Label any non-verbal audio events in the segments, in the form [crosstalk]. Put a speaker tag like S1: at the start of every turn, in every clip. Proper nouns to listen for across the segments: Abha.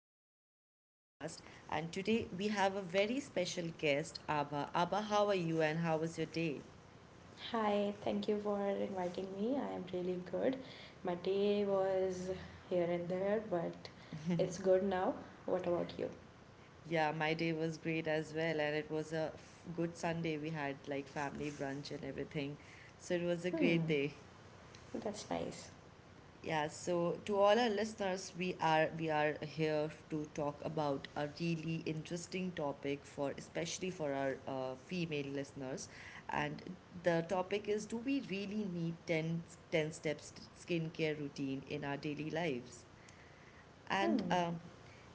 S1: back to our podcast. And today we have a very special guest, Abha. Abha, how are you, and how was your day?
S2: Hi, thank you for inviting me. I am really good. My day was here and there, but it's good now. What about you?
S1: Yeah, my day was great as well, and it was a good Sunday. We had like family brunch and everything, so it was a great
S2: Hmm,
S1: day.
S2: that's nice.
S1: Yeah, so to all our listeners, we are here to talk about a really interesting topic for especially for our female listeners, and the topic is: do we really need ten steps skincare routine in our daily lives?
S2: Hmm,
S1: And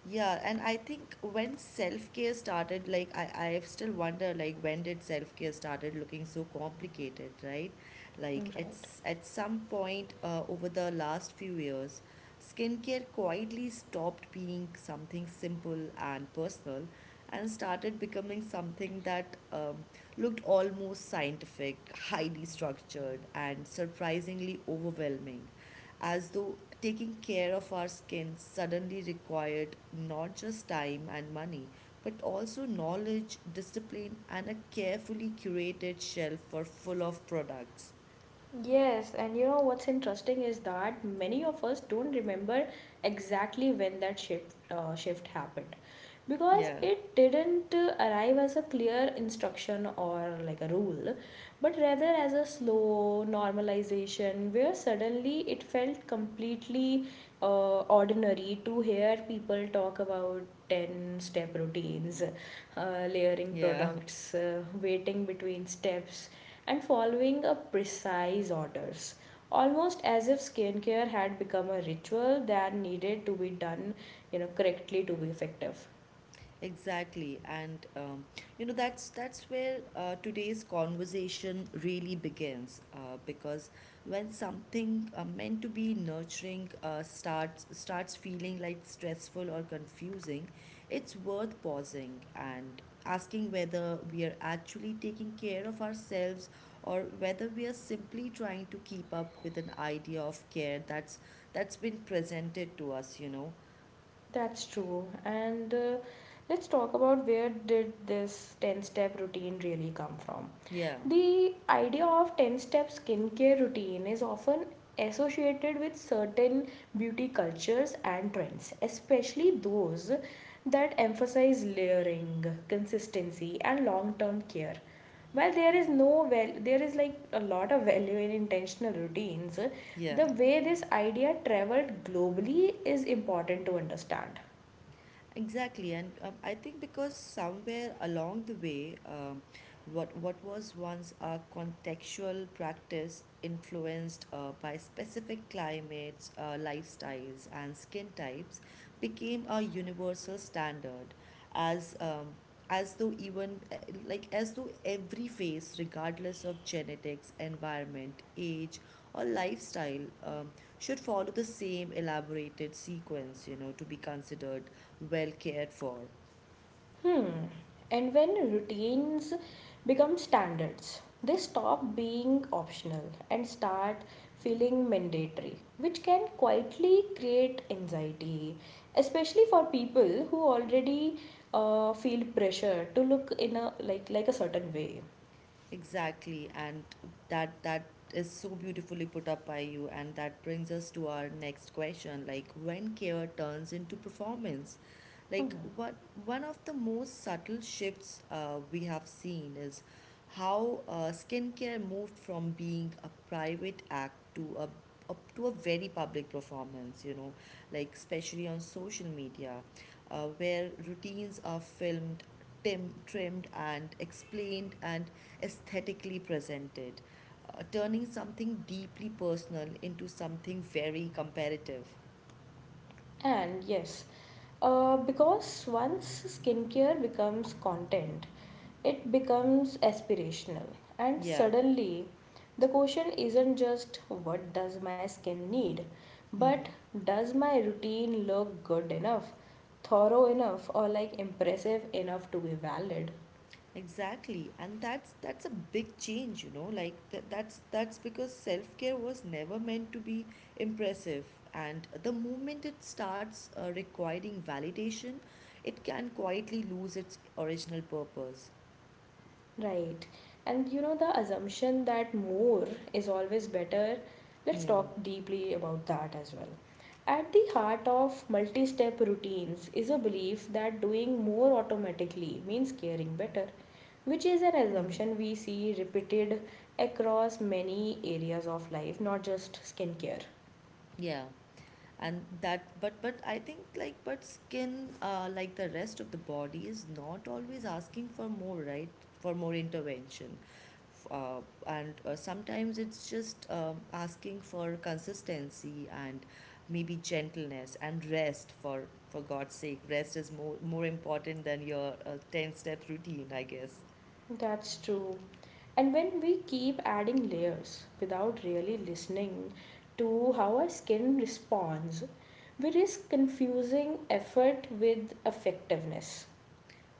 S1: yeah, and I think when self-care started, like I still wonder, like when did self-care started looking so complicated, right? Like
S2: right.
S1: it's at some point, over the last few years skincare quietly stopped being something simple and personal and started becoming something that looked almost scientific, highly structured, and surprisingly overwhelming, as though taking care of our skin suddenly required not just time and money, but also knowledge, discipline, and a carefully curated shelf for full of products.
S2: Yes, and you know what's interesting is that many of us don't remember exactly when that shift happened because
S1: Yeah,
S2: it didn't arrive as a clear instruction or like a rule, but rather as a slow normalization where suddenly it felt completely ordinary to hear people talk about 10 step routines, layering
S1: yeah. [laughs]
S2: products, waiting between steps and following a precise orders almost as if skincare had become a ritual that needed to be done correctly to be effective.
S1: Exactly, and you know, that's where today's conversation really begins. Because when something meant to be nurturing starts feeling like stressful or confusing, it's worth pausing and asking whether we are actually taking care of ourselves or whether we are simply trying to keep up with an idea of care that's been presented to us. You know,
S2: That's true, and let's talk about where did this 10 step routine really come from.
S1: yeah,
S2: The idea of 10 step skincare routine is often associated with certain beauty cultures and trends, especially those that emphasize layering, consistency, and long term care. While there is no, well, there is like a lot of value in intentional routines.
S1: yeah.
S2: The way this idea traveled globally is important to understand.
S1: Exactly, and I think because somewhere along the way, what was once a contextual practice influenced by specific climates, lifestyles, and skin types became a universal standard, as um, as though even like as though every face, regardless of genetics, environment, age, or lifestyle, should follow the same elaborated sequence, you know, to be considered well cared for.
S2: Hmm. And when routines become standards, they stop being optional and start feeling mandatory, which can quietly create anxiety, especially for people who already feel pressure to look in a like a certain way.
S1: Exactly, and that is so beautifully put up by you, and that brings us to our next question, like when care turns into performance.
S2: Hmm.
S1: Like one of the most subtle shifts we have seen is how skincare moved from being a private act to a up to a very public performance, you know, like especially on social media, where routines are filmed, trimmed, and explained and aesthetically presented, turning something deeply personal into something very comparative.
S2: And yes, because once skincare becomes content, it becomes aspirational. And
S1: Yeah.
S2: suddenly, the question isn't just what does my skin need,
S1: Hmm.
S2: but does my routine look good enough, thorough enough, or like impressive enough to be valid?
S1: Exactly, and that's a big change, you know. That's because self-care was never meant to be impressive, and the moment it starts requiring validation, it can quietly lose its original purpose.
S2: Right. And you know, the assumption that more is always better, let's
S1: Hmm.
S2: talk deeply about that as well. At the heart of multi step routines is a belief that doing more automatically means caring better, which is an
S1: Hmm. Hmm.
S2: assumption we see repeated across many areas of life, not just skincare.
S1: Yeah. and that but I think, like, but skin, like the rest of the body, is not always asking for more, right? For more intervention. F- and Sometimes it's just asking for consistency and maybe gentleness and rest. For god's sake, rest is more important than your 10 step routine, I guess.
S2: That's true. And when we keep adding layers without really listening to how our skin responds, we risk confusing effort with effectiveness.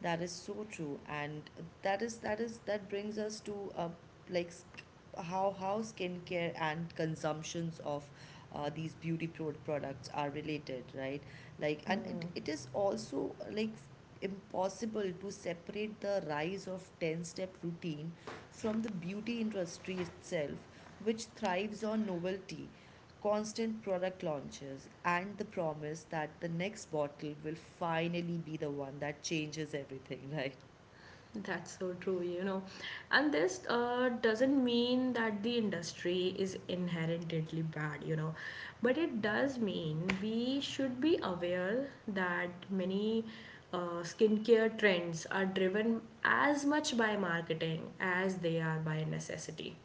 S1: That is so true, and that brings us to like sk- how skincare and consumptions of these beauty products are related, right? Like, and it,
S2: Hmm.
S1: it is also impossible to separate the rise of 10-step routine from the beauty industry itself, which thrives on novelty, constant product launches, and the promise that the next bottle will finally be the one that changes everything, [laughs] right?
S2: That's so true, you know. And this doesn't mean that the industry is inherently bad, you know, but it does mean we should be aware that many skincare trends are driven as much by marketing as they are by necessity.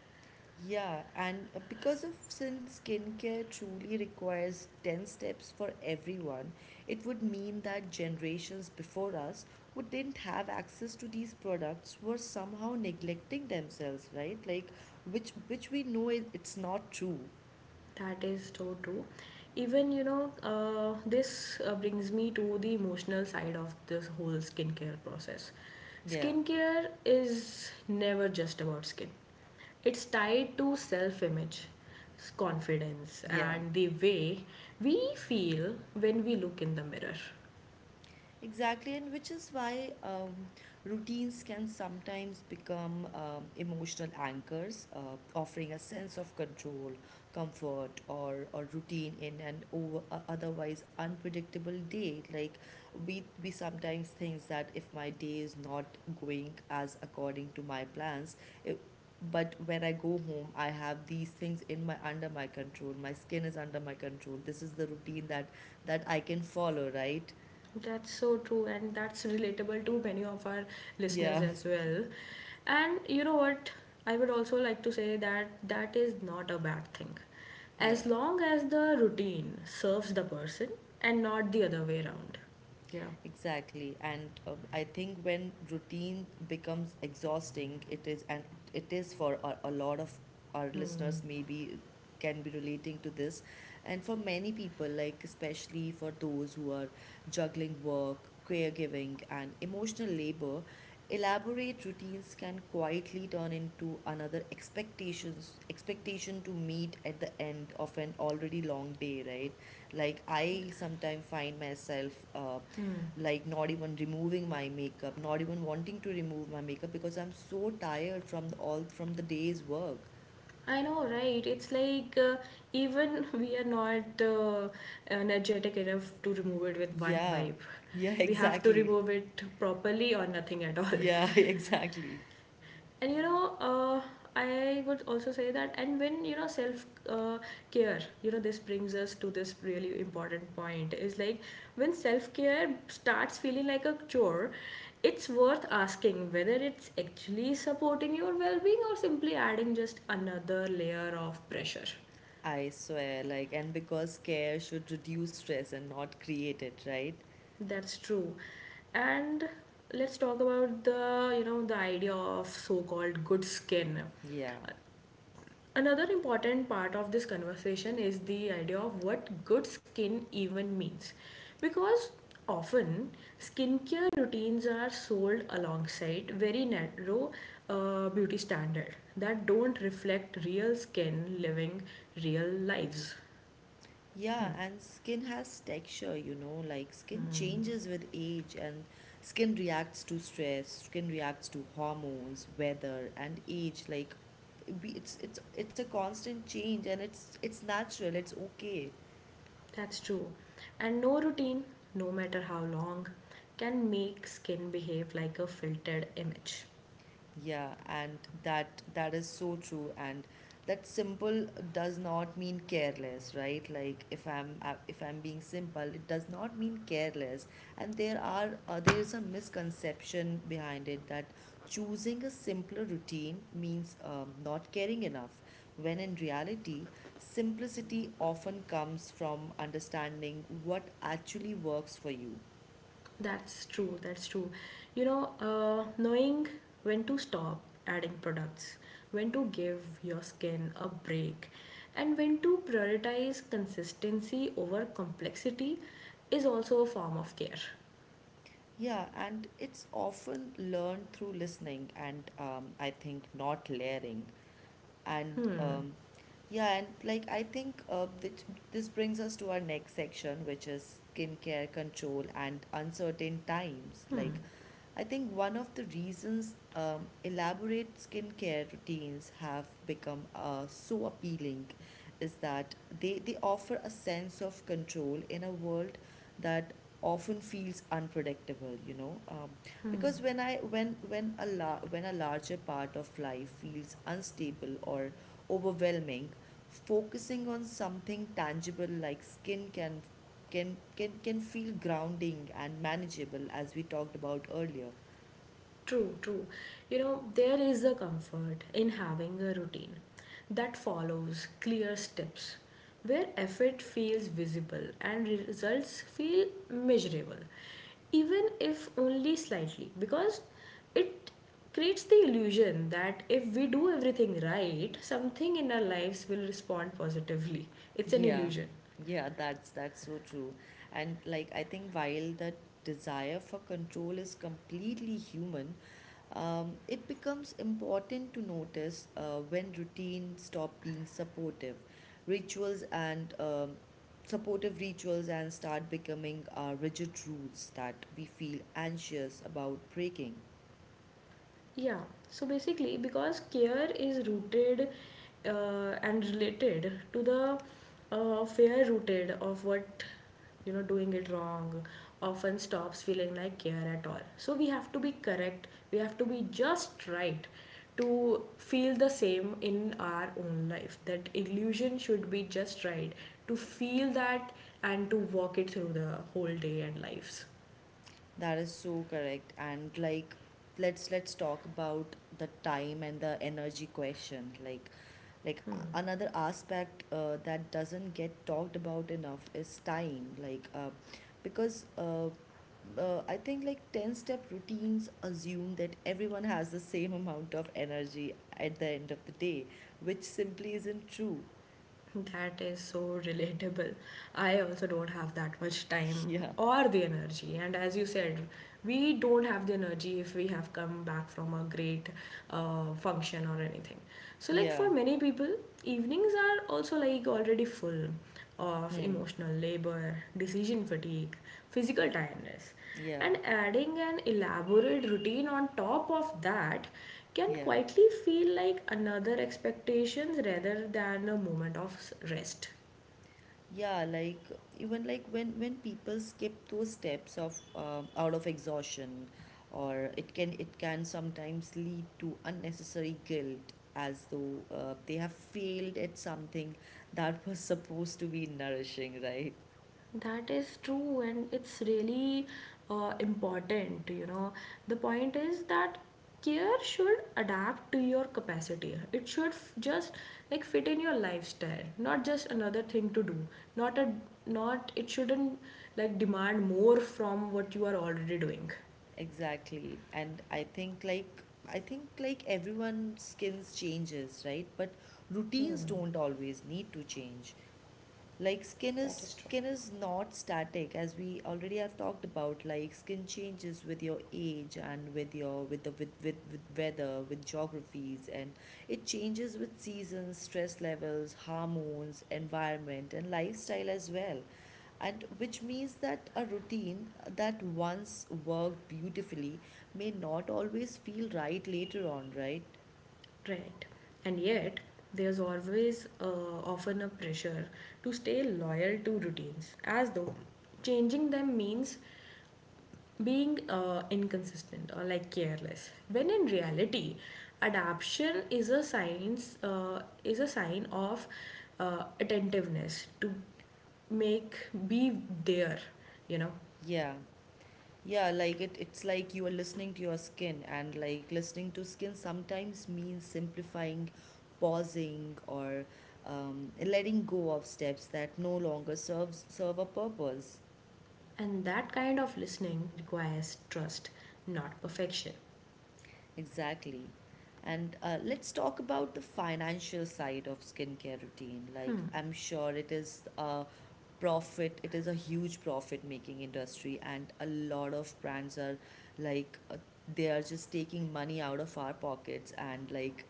S1: Yeah, and because of since skincare truly requires 10 steps for everyone, it would mean that generations before us who didn't have access to these products were somehow neglecting themselves, right? Like which we know it, it's not true.
S2: That is so true. Even, you know, this brings me to the emotional side of this whole skincare process.
S1: Yeah.
S2: Skincare is never just about skin, it's tied to self image, confidence,
S1: Yeah.
S2: and the way we feel when we look in the mirror.
S1: Exactly, and which is why routines can sometimes become emotional anchors, offering a sense of control, comfort, or routine in an otherwise unpredictable day. Like we sometimes think that if my day is not going as according to my plans, it, but when I go home I have these things in my under my control, my skin is under my control, this is the routine that I can follow, right?
S2: That's so true, and that's relatable to many of our listeners
S1: Yeah.
S2: as well. And you know what? I would also like to say that that is not a bad thing.
S1: Yeah.
S2: As long as the routine serves the person and not the other way around, you know.
S1: Exactly. And I think when routine becomes exhausting, it is, and it is for a lot of our
S2: Hmm.
S1: listeners, maybe can be relating to this. And for many people, like especially for those who are juggling work, caregiving, and emotional labor, elaborate routines can quietly turn into another expectation to meet at the end of an already long day, right? Like I sometimes find myself,
S2: Hmm.
S1: like not even removing my makeup, not even wanting to remove my makeup because I'm so tired from the, all from the day's work.
S2: I know, right? It's like even [laughs] we are not energetic enough to remove it with one
S1: Yeah,
S2: wipe.
S1: yeah. [laughs]
S2: We have to
S1: Exactly.
S2: remove it properly or nothing at all.
S1: Yeah. [laughs]
S2: [laughs]
S1: Exactly.
S2: And you know, I would also say that and when you know self care, you know, this brings us to this really important point is like when self care starts feeling like a chore, it's worth asking whether it's actually supporting your well-being or simply adding just another layer of pressure.
S1: I swear, like, and because care should reduce stress and not create it, right?
S2: That's true. And let's talk about the, you know, the idea of so-called good skin.
S1: Yeah.
S2: Another important part of this conversation is the idea of what good skin even means. Because often skincare routines are sold alongside very narrow beauty standard that don't reflect real skin living real lives.
S1: Yeah,
S2: Hmm.
S1: and skin has texture, you know, like skin
S2: Hmm.
S1: changes with age, and skin reacts to stress, skin reacts to hormones, weather, and age. Like, it's it's a constant change, and it's natural. It's okay.
S2: That's true. And no routine, no matter how long, can make skin behave like a filtered image.
S1: Yeah, and that is so true. And that simple does not mean careless, right? Like if I'm being simple, it does not mean careless. And there are there is a misconception behind it that choosing a simpler routine means not caring enough. When in reality, simplicity often comes from understanding what actually works for you.
S2: That's true. That's true. You know, knowing when to stop adding products, when to give your skin a break, and when to prioritize consistency over complexity is also a form of care.
S1: Yeah, and it's often learned through listening and I think not layering and yeah. And like I think this brings us to our next section, which is skincare control and uncertain times.
S2: Hmm.
S1: Like I think one of the reasons elaborate skincare routines have become so appealing is that they offer a sense of control in a world that often feels unpredictable, you know,
S2: Hmm.
S1: because when I when a la- when a larger part of life feels unstable or overwhelming, focusing on something tangible like skin can can feel grounding and manageable, as we talked about earlier.
S2: True, true. You know, there is a comfort in having a routine that follows clear steps where effort feels visible and results feel measurable, even if only slightly, because it creates the illusion that if we do everything right, something in our lives will respond positively. It's an
S1: Yeah,
S2: illusion.
S1: yeah, that's so true. And like I think while that desire for control is completely human, it becomes important to notice when routine stop being rituals and um, supportive rituals and start becoming rigid rules that we feel anxious about breaking.
S2: Yeah, so basically, because care is rooted and related to the fear rooted of what, you know, doing it wrong often stops feeling like care at all. So we have to be correct, we have to be just right to feel the same in our own life. That illusion should be just right to feel that and to walk it through the whole day and lives.
S1: That is so correct. And like let's talk about the time and the energy question. Like another aspect that doesn't get talked about enough is time. Like because I think like 10 step routines assume that everyone has the same [laughs] amount of energy at the end of the day, which simply isn't true.
S2: That is so relatable. I also don't have that much
S1: [laughs]
S2: time
S1: Yeah.
S2: or the energy. And as you said, we don't have the energy if we have come back from a great function or anything. So, like for
S1: Yeah.
S2: many people, evenings are also like already full of
S1: Hmm.
S2: emotional labor, decision fatigue, physical tiredness.
S1: Yeah.
S2: And adding an elaborate routine on top of that can
S1: Yeah.
S2: quietly feel like another expectation rather than a moment of rest.
S1: Yeah, like even like when people skip those steps of out of exhaustion, or it can sometimes lead to unnecessary guilt as though they have failed at something that [laughs] was supposed to be nourishing, right?
S2: That is true, and it's really important. You know, the point is that care should adapt to your capacity. It should just like fit in your lifestyle, not just another thing to do. Not a not It shouldn't like demand more from what you are already doing.
S1: Exactly. And I think like everyone's skins changes, right? But routines don't always need to change. Like skin is not static, as we already have talked about. Like skin changes with your age and with your with weather, with geographies, and it changes with seasons, stress levels, hormones, environment, and lifestyle as well. And which means that a routine that once worked beautifully may not always feel right later on, right?
S2: Right. And yet, there's always often a pressure to stay loyal to routines, as though changing them means being inconsistent or like careless when in reality adaptation is a science, is a sign of attentiveness to make be there you know.
S1: Yeah, Yeah, like it, it's like you are listening to your skin, and like listening to skin sometimes means simplifying, pausing, or letting go of steps that no longer serve a purpose.
S2: And that kind of listening requires trust, not perfection.
S1: Exactly. And let's talk about the financial side of skincare routine. Like I'm sure it is profit it is a huge profit making industry, and a lot of brands are like uh, they are just taking money out of our pockets and like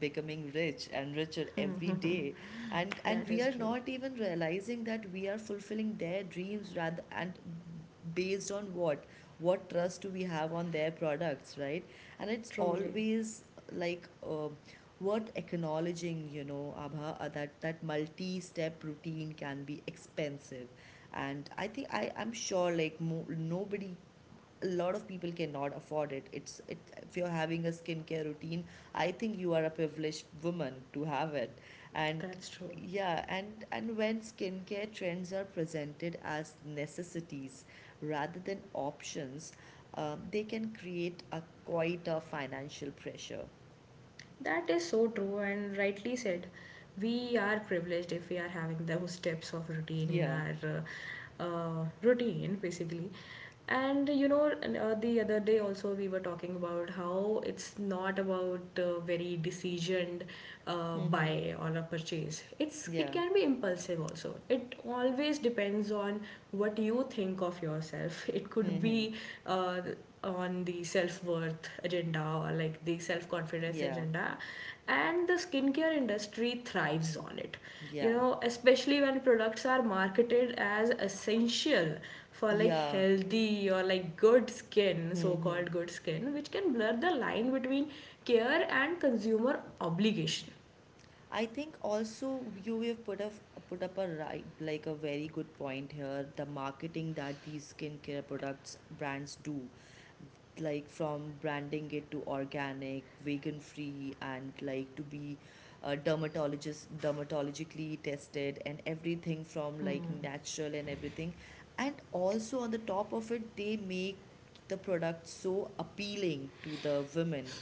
S1: becoming rich and richer every day, and
S2: That
S1: we
S2: is
S1: are
S2: true.
S1: not even realizing that we are fulfilling their dreams rather, and based on what trust do we have on their products, right? And it's
S2: Truly.
S1: always like uh, worth acknowledging, you know, Abha, that multi-step routine can be expensive. And I think I'm sure, like nobody, a lot of people cannot afford it. It's it, if you're having a skincare routine, I think you are a privileged woman to have it. And
S2: That's true.
S1: yeah, and when skincare trends are presented as necessities rather than options, they can create a quite a financial pressure.
S2: That is so true and rightly said. We are privileged if we are having those steps of routine in
S1: Yeah.
S2: our routine, basically. And you know, and the other day also we were talking about how it's not about very decisioned
S1: Mm-hmm.
S2: buy or a purchase. It's it
S1: Yeah.
S2: can be impulsive also. It always depends on what you think of yourself. [laughs] It could
S1: Mm-hmm.
S2: be uh, on the self-worth agenda or like the self-confidence
S1: Yeah.
S2: agenda, and the skincare industry thrives on it, you
S1: Yeah.
S2: know, especially when products are marketed as essential for like
S1: Yeah.
S2: healthy or like good skin,
S1: Mm-hmm.
S2: so-called good skin, which can blur the line between care and consumer obligation.
S1: I think also you have put up a right like a very good point here. The marketing that these skincare products brands do, like from branding it to organic, vegan free, and like to be dermatologist dermatologically tested and everything, from like natural and everything. And also on the top of it, they make the product so appealing to the women.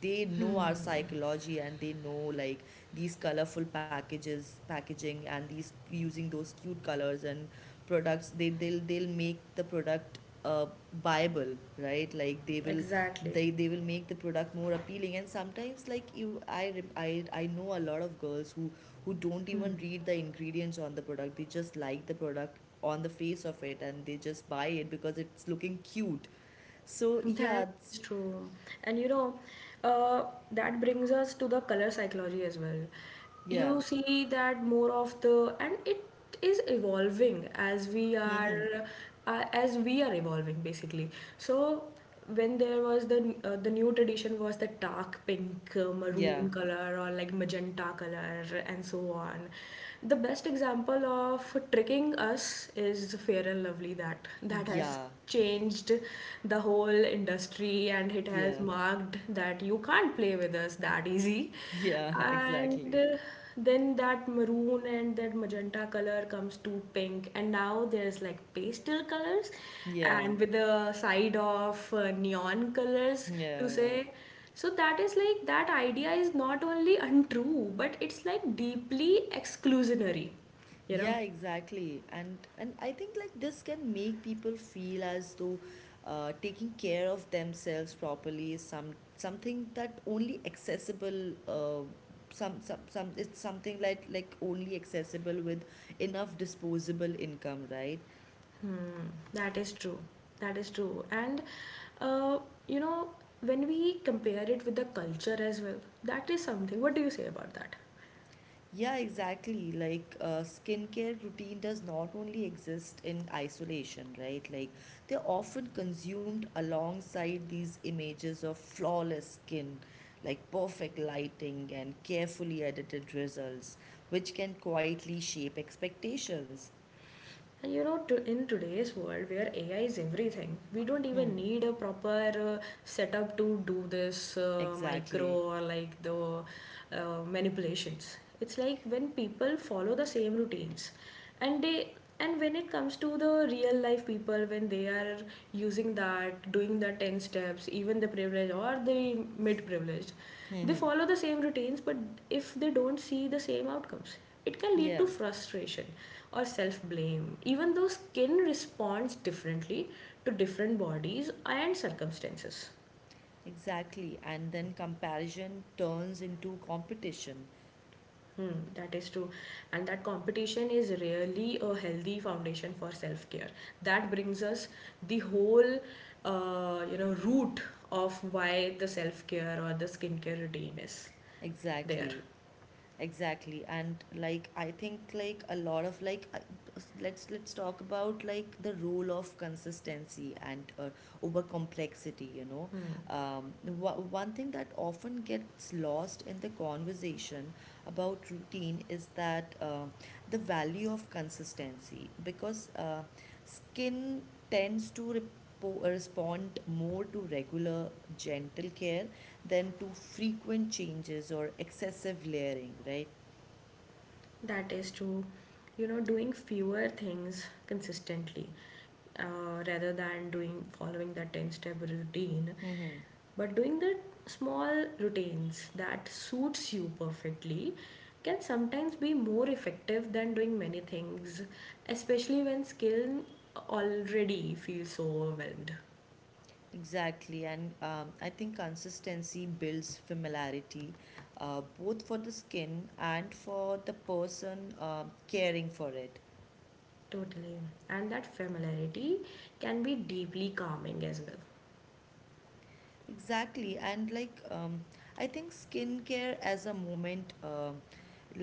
S1: They know our psychology, and they know like these colorful packages packaging and these using those cute colors and products, they'll make the product buyable, right? Like they will,
S2: Exactly.
S1: they will make the product more appealing. And sometimes like you I, rem- I know a lot of girls who don't even read the ingredients on the product. They just like the product on the face of it, and they just buy it because it's looking cute. so yeah
S2: That
S1: it's,
S2: is true. And you know, uh, that brings us to the color psychology as well.
S1: yeah.
S2: You see that more of the, and it is evolving
S1: [laughs]
S2: as we are evolving basically. So when there was the new tradition was the dark pink,
S1: Yeah.
S2: maroon color or like magenta color and so on. The best example of tricking us is Fair and Lovely, that has
S1: Yeah.
S2: changed the whole industry and it has
S1: Yeah.
S2: marked that you can't play with us that easy.
S1: Yeah, [laughs]
S2: And
S1: exactly.
S2: then that maroon and that magenta color comes to pink and now there's like pastel colors
S1: Yeah.
S2: and with a side of neon colors to
S1: Yeah, yeah.
S2: say. So that is like that idea is not only untrue but it's like deeply exclusionary, you know.
S1: Yeah, exactly. And I think like this can make people feel as though taking care of themselves properly is something that only accessible some it's something like only accessible with enough disposable income, right?
S2: Hmm, that is true. That is true. And uh, you know, when we compare it with the culture as well, that is something. What do you say about that?
S1: Yeah, exactly. Like, skincare routine does not only exist in isolation, right? Like, they're often consumed alongside these images of flawless skin, like perfect lighting and carefully edited results, which can quietly shape expectations.
S2: And you know, to, in today's world where AI is everything, we don't even
S1: Hmm,
S2: need a proper setup to do this micro
S1: exactly.
S2: or like the manipulations. It's like when people follow the same routines, and they, and when it comes to the real life people, when they are using that, doing the 10 steps, even the privileged or the mid privileged, they
S1: Mm-hmm.
S2: follow the same routines. But if they don't see the same outcomes, it can lead
S1: Yeah,
S2: to frustration or self blame. Even though skin responds differently to different bodies and circumstances.
S1: exactly. And then comparison turns into competition.
S2: Hmm, that is true. And that competition is really a healthy foundation for self care. That brings us the whole, you know, root of why the self care or the skincare routine is there.
S1: Exactly. Exactly, and like I think like a lot of like let's talk about like the role of consistency and over complexity, you know. One thing that often gets lost in the conversation about routine is that the value of consistency, because skin tends to respond more to regular gentle care than to frequent changes or excessive layering, right?
S2: That is true. You know, doing fewer things consistently, rather than doing following that 10 step routine
S1: Mm-hmm.
S2: but doing the small routines that suits you perfectly can sometimes be more effective than doing many things, especially when skill already feels so overwhelmed.
S1: Exactly, and I think consistency builds familiarity, both for the skin and for the person caring for it.
S2: Totally. And that familiarity can be deeply calming as well.
S1: Exactly, and like I think skincare as a moment. um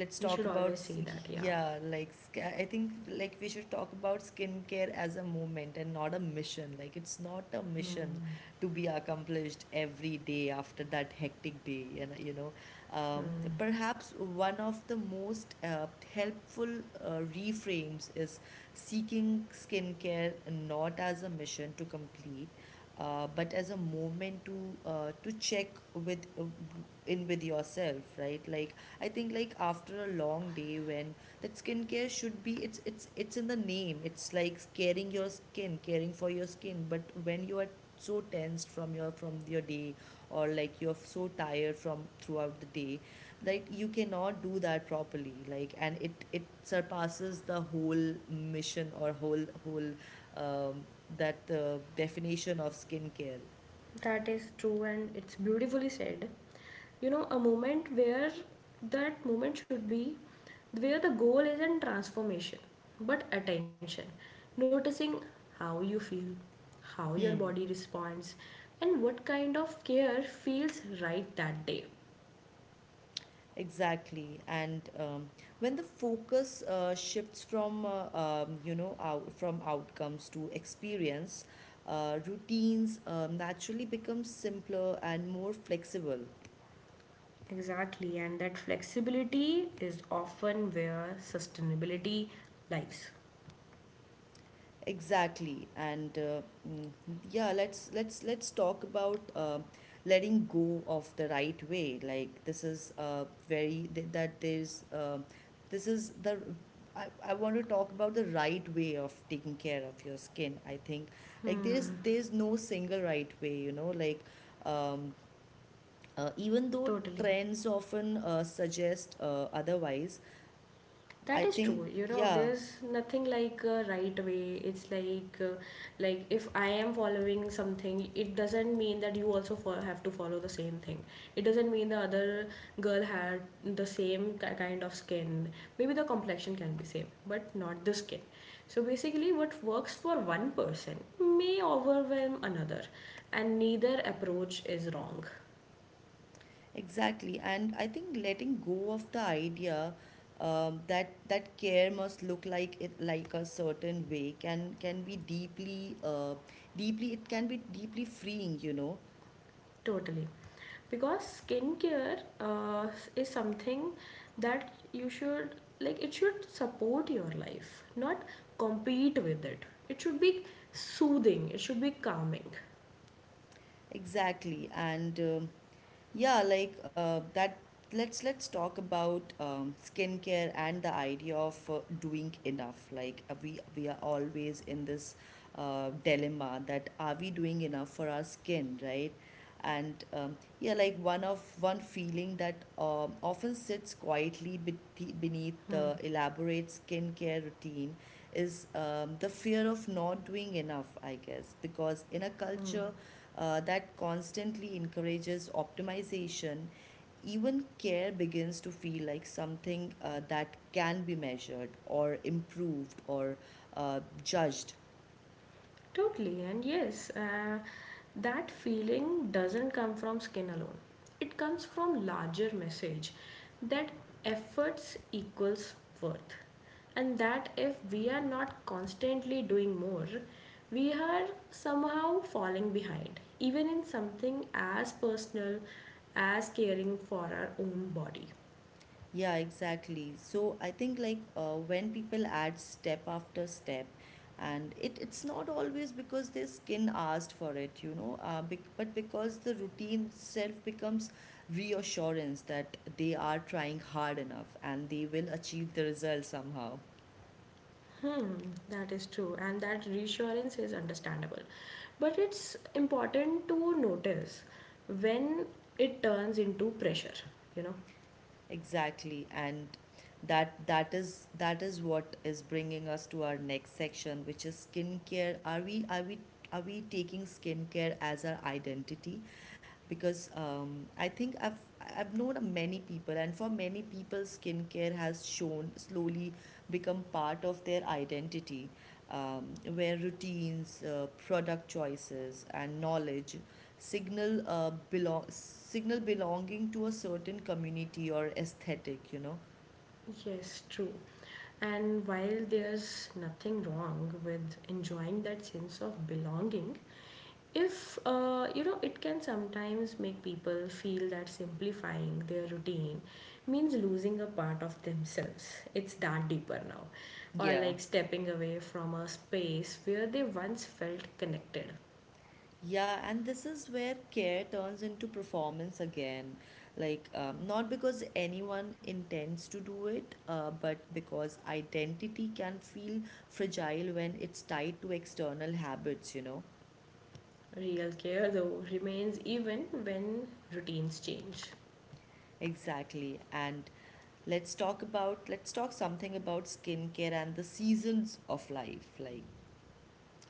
S1: let's
S2: We
S1: talk
S2: should
S1: about
S2: always say that, yeah.
S1: yeah, like I think like we should talk about skincare as a moment and not a mission. Like it's not a mission
S2: Hmm,
S1: to be accomplished every day after that hectic day. And you know,
S2: hmm.
S1: perhaps one of the most helpful reframes is seeking skincare not as a mission to complete, but as a movement to check with in with yourself, right? Like I think like after a long day, when that skincare should be, it's in the name, it's like caring for your skin, but when you are so tensed from your day, or like you're so tired from throughout the day, like you cannot do that properly, like, and it surpasses the whole mission or whole um, that definition of skincare.
S2: That is true, and it's beautifully said. You know, a moment where that moment should be where the goal isn't transformation but attention. Noticing how you feel, how your body
S1: Hmm,
S2: responds, and what kind of care feels right that day.
S1: exactly. And when the focus shifts from you know from outcomes to experience, routines naturally become simpler and more flexible.
S2: Exactly, and that flexibility is often where sustainability lies.
S1: Exactly, and mm, yeah, let's talk about letting go of the right way. Like this is very that there's this is the I want to talk about the right way of taking care of your skin. I think like there's no single right way. You know, like um, even though
S2: Totally.
S1: trends often suggest otherwise,
S2: That
S1: I
S2: is
S1: think
S2: true. You know,
S1: yeah.
S2: there's nothing like a right way. It's like if I am following something, it doesn't mean that you also have to follow the same thing. It doesn't mean the other girl had the same kind of skin. Maybe the complexion can be same but not the skin. So basically, what works for one person may overwhelm another, and neither approach is wrong.
S1: Exactly, and I think letting go of the idea that care must look like it like a certain way can be deeply it can be deeply freeing, you know.
S2: Totally. Because skincare is something that you should, like, it should support your life, not compete with it. It should be soothing, it should be calming.
S1: Exactly, and yeah, like that. Let's talk about skincare and the idea of doing enough. Like we are always in this dilemma that are we doing enough for our skin, right? And yeah, like one feeling that often sits quietly beneath
S2: Hmm.
S1: the elaborate skincare routine is the fear of not doing enough, I guess, because in a
S2: Hmm.
S1: culture that constantly encourages optimization, even care begins to feel like something that can be measured or improved or judged.
S2: Totally, and yes, that feeling doesn't come from skin alone. It comes from larger message that efforts equals worth, and that if we are not constantly doing more, we are somehow falling behind, even in something as personal as caring for our own body.
S1: Yeah, exactly. So I think like when people add step after step, and it's not always because their skin asked for it, you know, but because the routine itself becomes reassurance that they are trying hard enough and they will achieve the result somehow.
S2: Hmm, that is true, and that reassurance is understandable. But it's important to notice when it turns into pressure, you know?
S1: Exactly, and that is what is bringing us to our next section, which is skincare. Are we are we taking skincare as our identity? Because I think I've known a many people, and for many people, skincare has shown slowly become part of their identity, where routines, product choices, and knowledge signal belong signal belonging to a certain community or aesthetic, you know.
S2: Yes, true. And while there's nothing wrong with enjoying that sense of belonging, if you know, it can sometimes make people feel that simplifying their routine means losing a part of themselves. It's that deeper now, or
S1: Yeah.
S2: like stepping away from a space where they once felt connected.
S1: Yeah, and this is where care turns into performance again, like not because anyone intends to do it, but because identity can feel fragile when it's tied to external habits, you know.
S2: Real care though remains even when routines change.
S1: Exactly, and let's talk something about skincare and the seasons of life. Like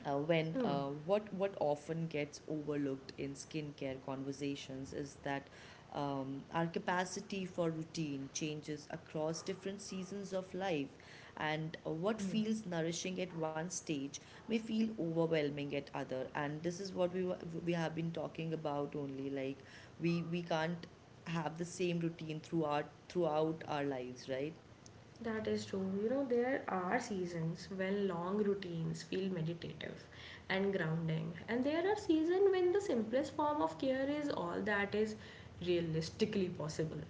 S1: when
S2: Hmm.
S1: what often gets overlooked in skincare conversations is that our capacity for routine changes across different seasons of life, and what
S2: hmm.
S1: feels nourishing at one stage may feel overwhelming at other. And this is what we have been talking about only. Like we can't have the same routine throughout our lives, right?
S2: That is true. You know, there are seasons when long routines feel meditative and grounding, and there are seasons when the simplest form of care is all that is realistically possible.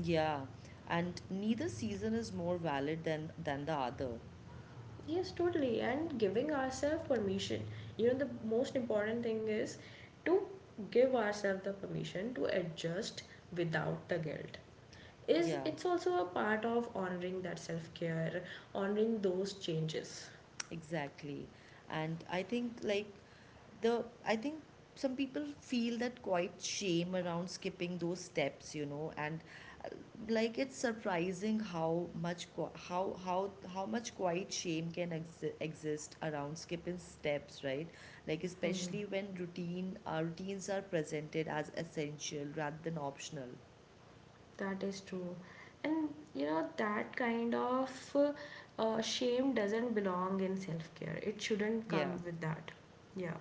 S1: Yeah, and neither season is more valid than the other.
S2: Yes, totally. And giving ourselves permission. You know, the most important thing is to give ourselves the permission to adjust without the guilt is,
S1: Yeah.
S2: it's also a part of honoring that self care, honoring those changes.
S1: Exactly. And I think like the I think some people feel that quite shame around skipping those steps, you know. And like it's surprising how much how much quiet shame can exist around skipping steps, right? Like especially when routines are presented as essential rather than optional.
S2: That is true. And you know, that kind of shame doesn't belong in self-care. It shouldn't come
S1: Yeah.
S2: with that. Yeah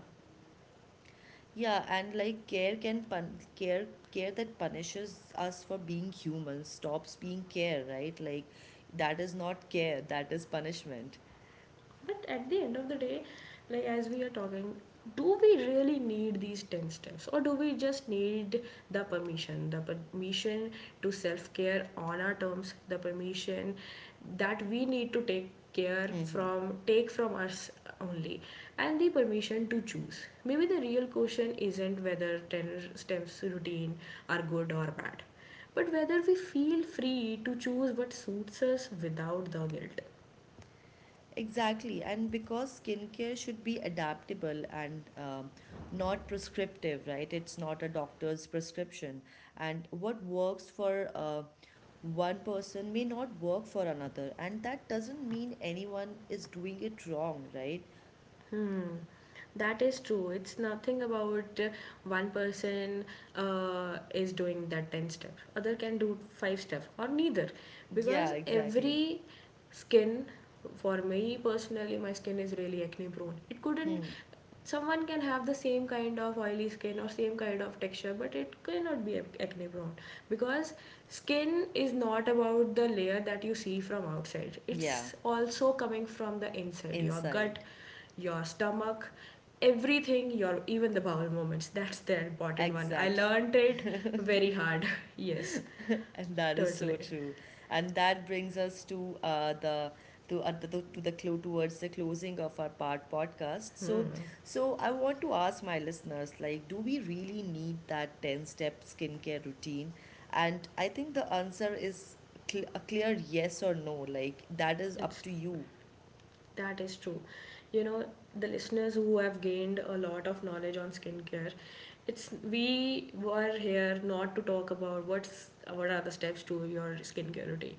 S1: Yeah, and like care that punishes us for being human stops being care, right? Like that is not care, that is punishment.
S2: But at the end of the day, like as we are talking, do we really need these 10 steps, or do we just need the permission? The permission to self care on our terms, the permission that we need to take care
S1: Mm-hmm.
S2: from, take from us only, and the permission to choose. Maybe the real question isn't whether 10 steps routine are good or bad, but whether we feel free to choose what suits us without the guilt.
S1: Exactly, and because skincare should be adaptable and not prescriptive, right? It's not a doctor's prescription, and what works for one person may not work for another, and that doesn't mean anyone is doing it wrong, right?
S2: Hmm. That is true. It's nothing about one person is doing that 10 step, other can do 5 step or neither,
S1: Yeah,
S2: because
S1: exactly.
S2: every skin, for me personally, my skin is really acne prone. It couldn't,
S1: Hmm.
S2: someone can have the same kind of oily skin or same kind of texture but it cannot be acne prone, because skin is not about the layer that you see from outside.
S1: Yeah.
S2: It's also coming from the inside, your gut,
S1: Inside.
S2: your stomach, everything, your even the bowel movements, that's the important one. I
S1: Exactly.
S2: learned it very hard. [laughs] Yes,
S1: And that is so
S2: totally.
S1: true. And that brings us to the to, the to the clue towards the closing of our part podcast. So so I want to ask my listeners, like, do we really need that 10 step skincare routine? And I think the answer is a clear yes or no. Like that is up
S2: It's
S1: to you.
S2: That is true. You know, the listeners who have gained a lot of knowledge on skincare, it's we were here not to talk about what's, what are the steps to your skincare routine.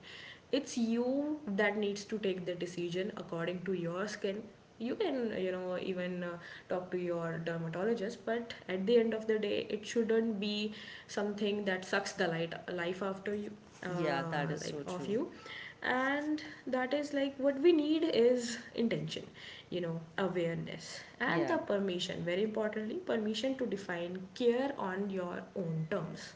S2: It's you that needs to take the decision according to your skin. You can, you know, even talk to your dermatologist, but at the end of the day, it shouldn't be something that sucks the light life after you,
S1: Yeah, that is
S2: like
S1: so
S2: of
S1: true.
S2: you. And that is, like, what we need is intention, you know, awareness, and
S1: Yeah.
S2: the permission, very importantly, permission to define care on your own terms.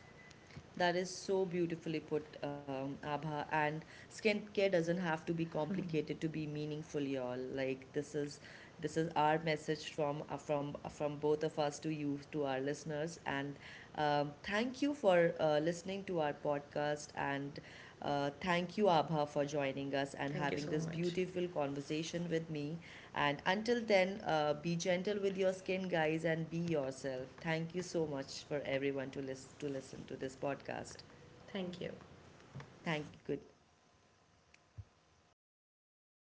S1: That is so beautifully put, Abha. And skincare doesn't have to be
S2: [laughs]
S1: complicated to be meaningful, y'all. Like this is our message from from both of us to you, to our listeners. And thank you for listening to our podcast. And thank you, Abha, for joining us and
S2: Thank you
S1: having
S2: so
S1: this
S2: much.
S1: beautiful conversation with me. And until then, be gentle with your skin, guys, and be yourself. Thank you so much for everyone to listen to this podcast.
S2: Thank you.
S1: Thank you.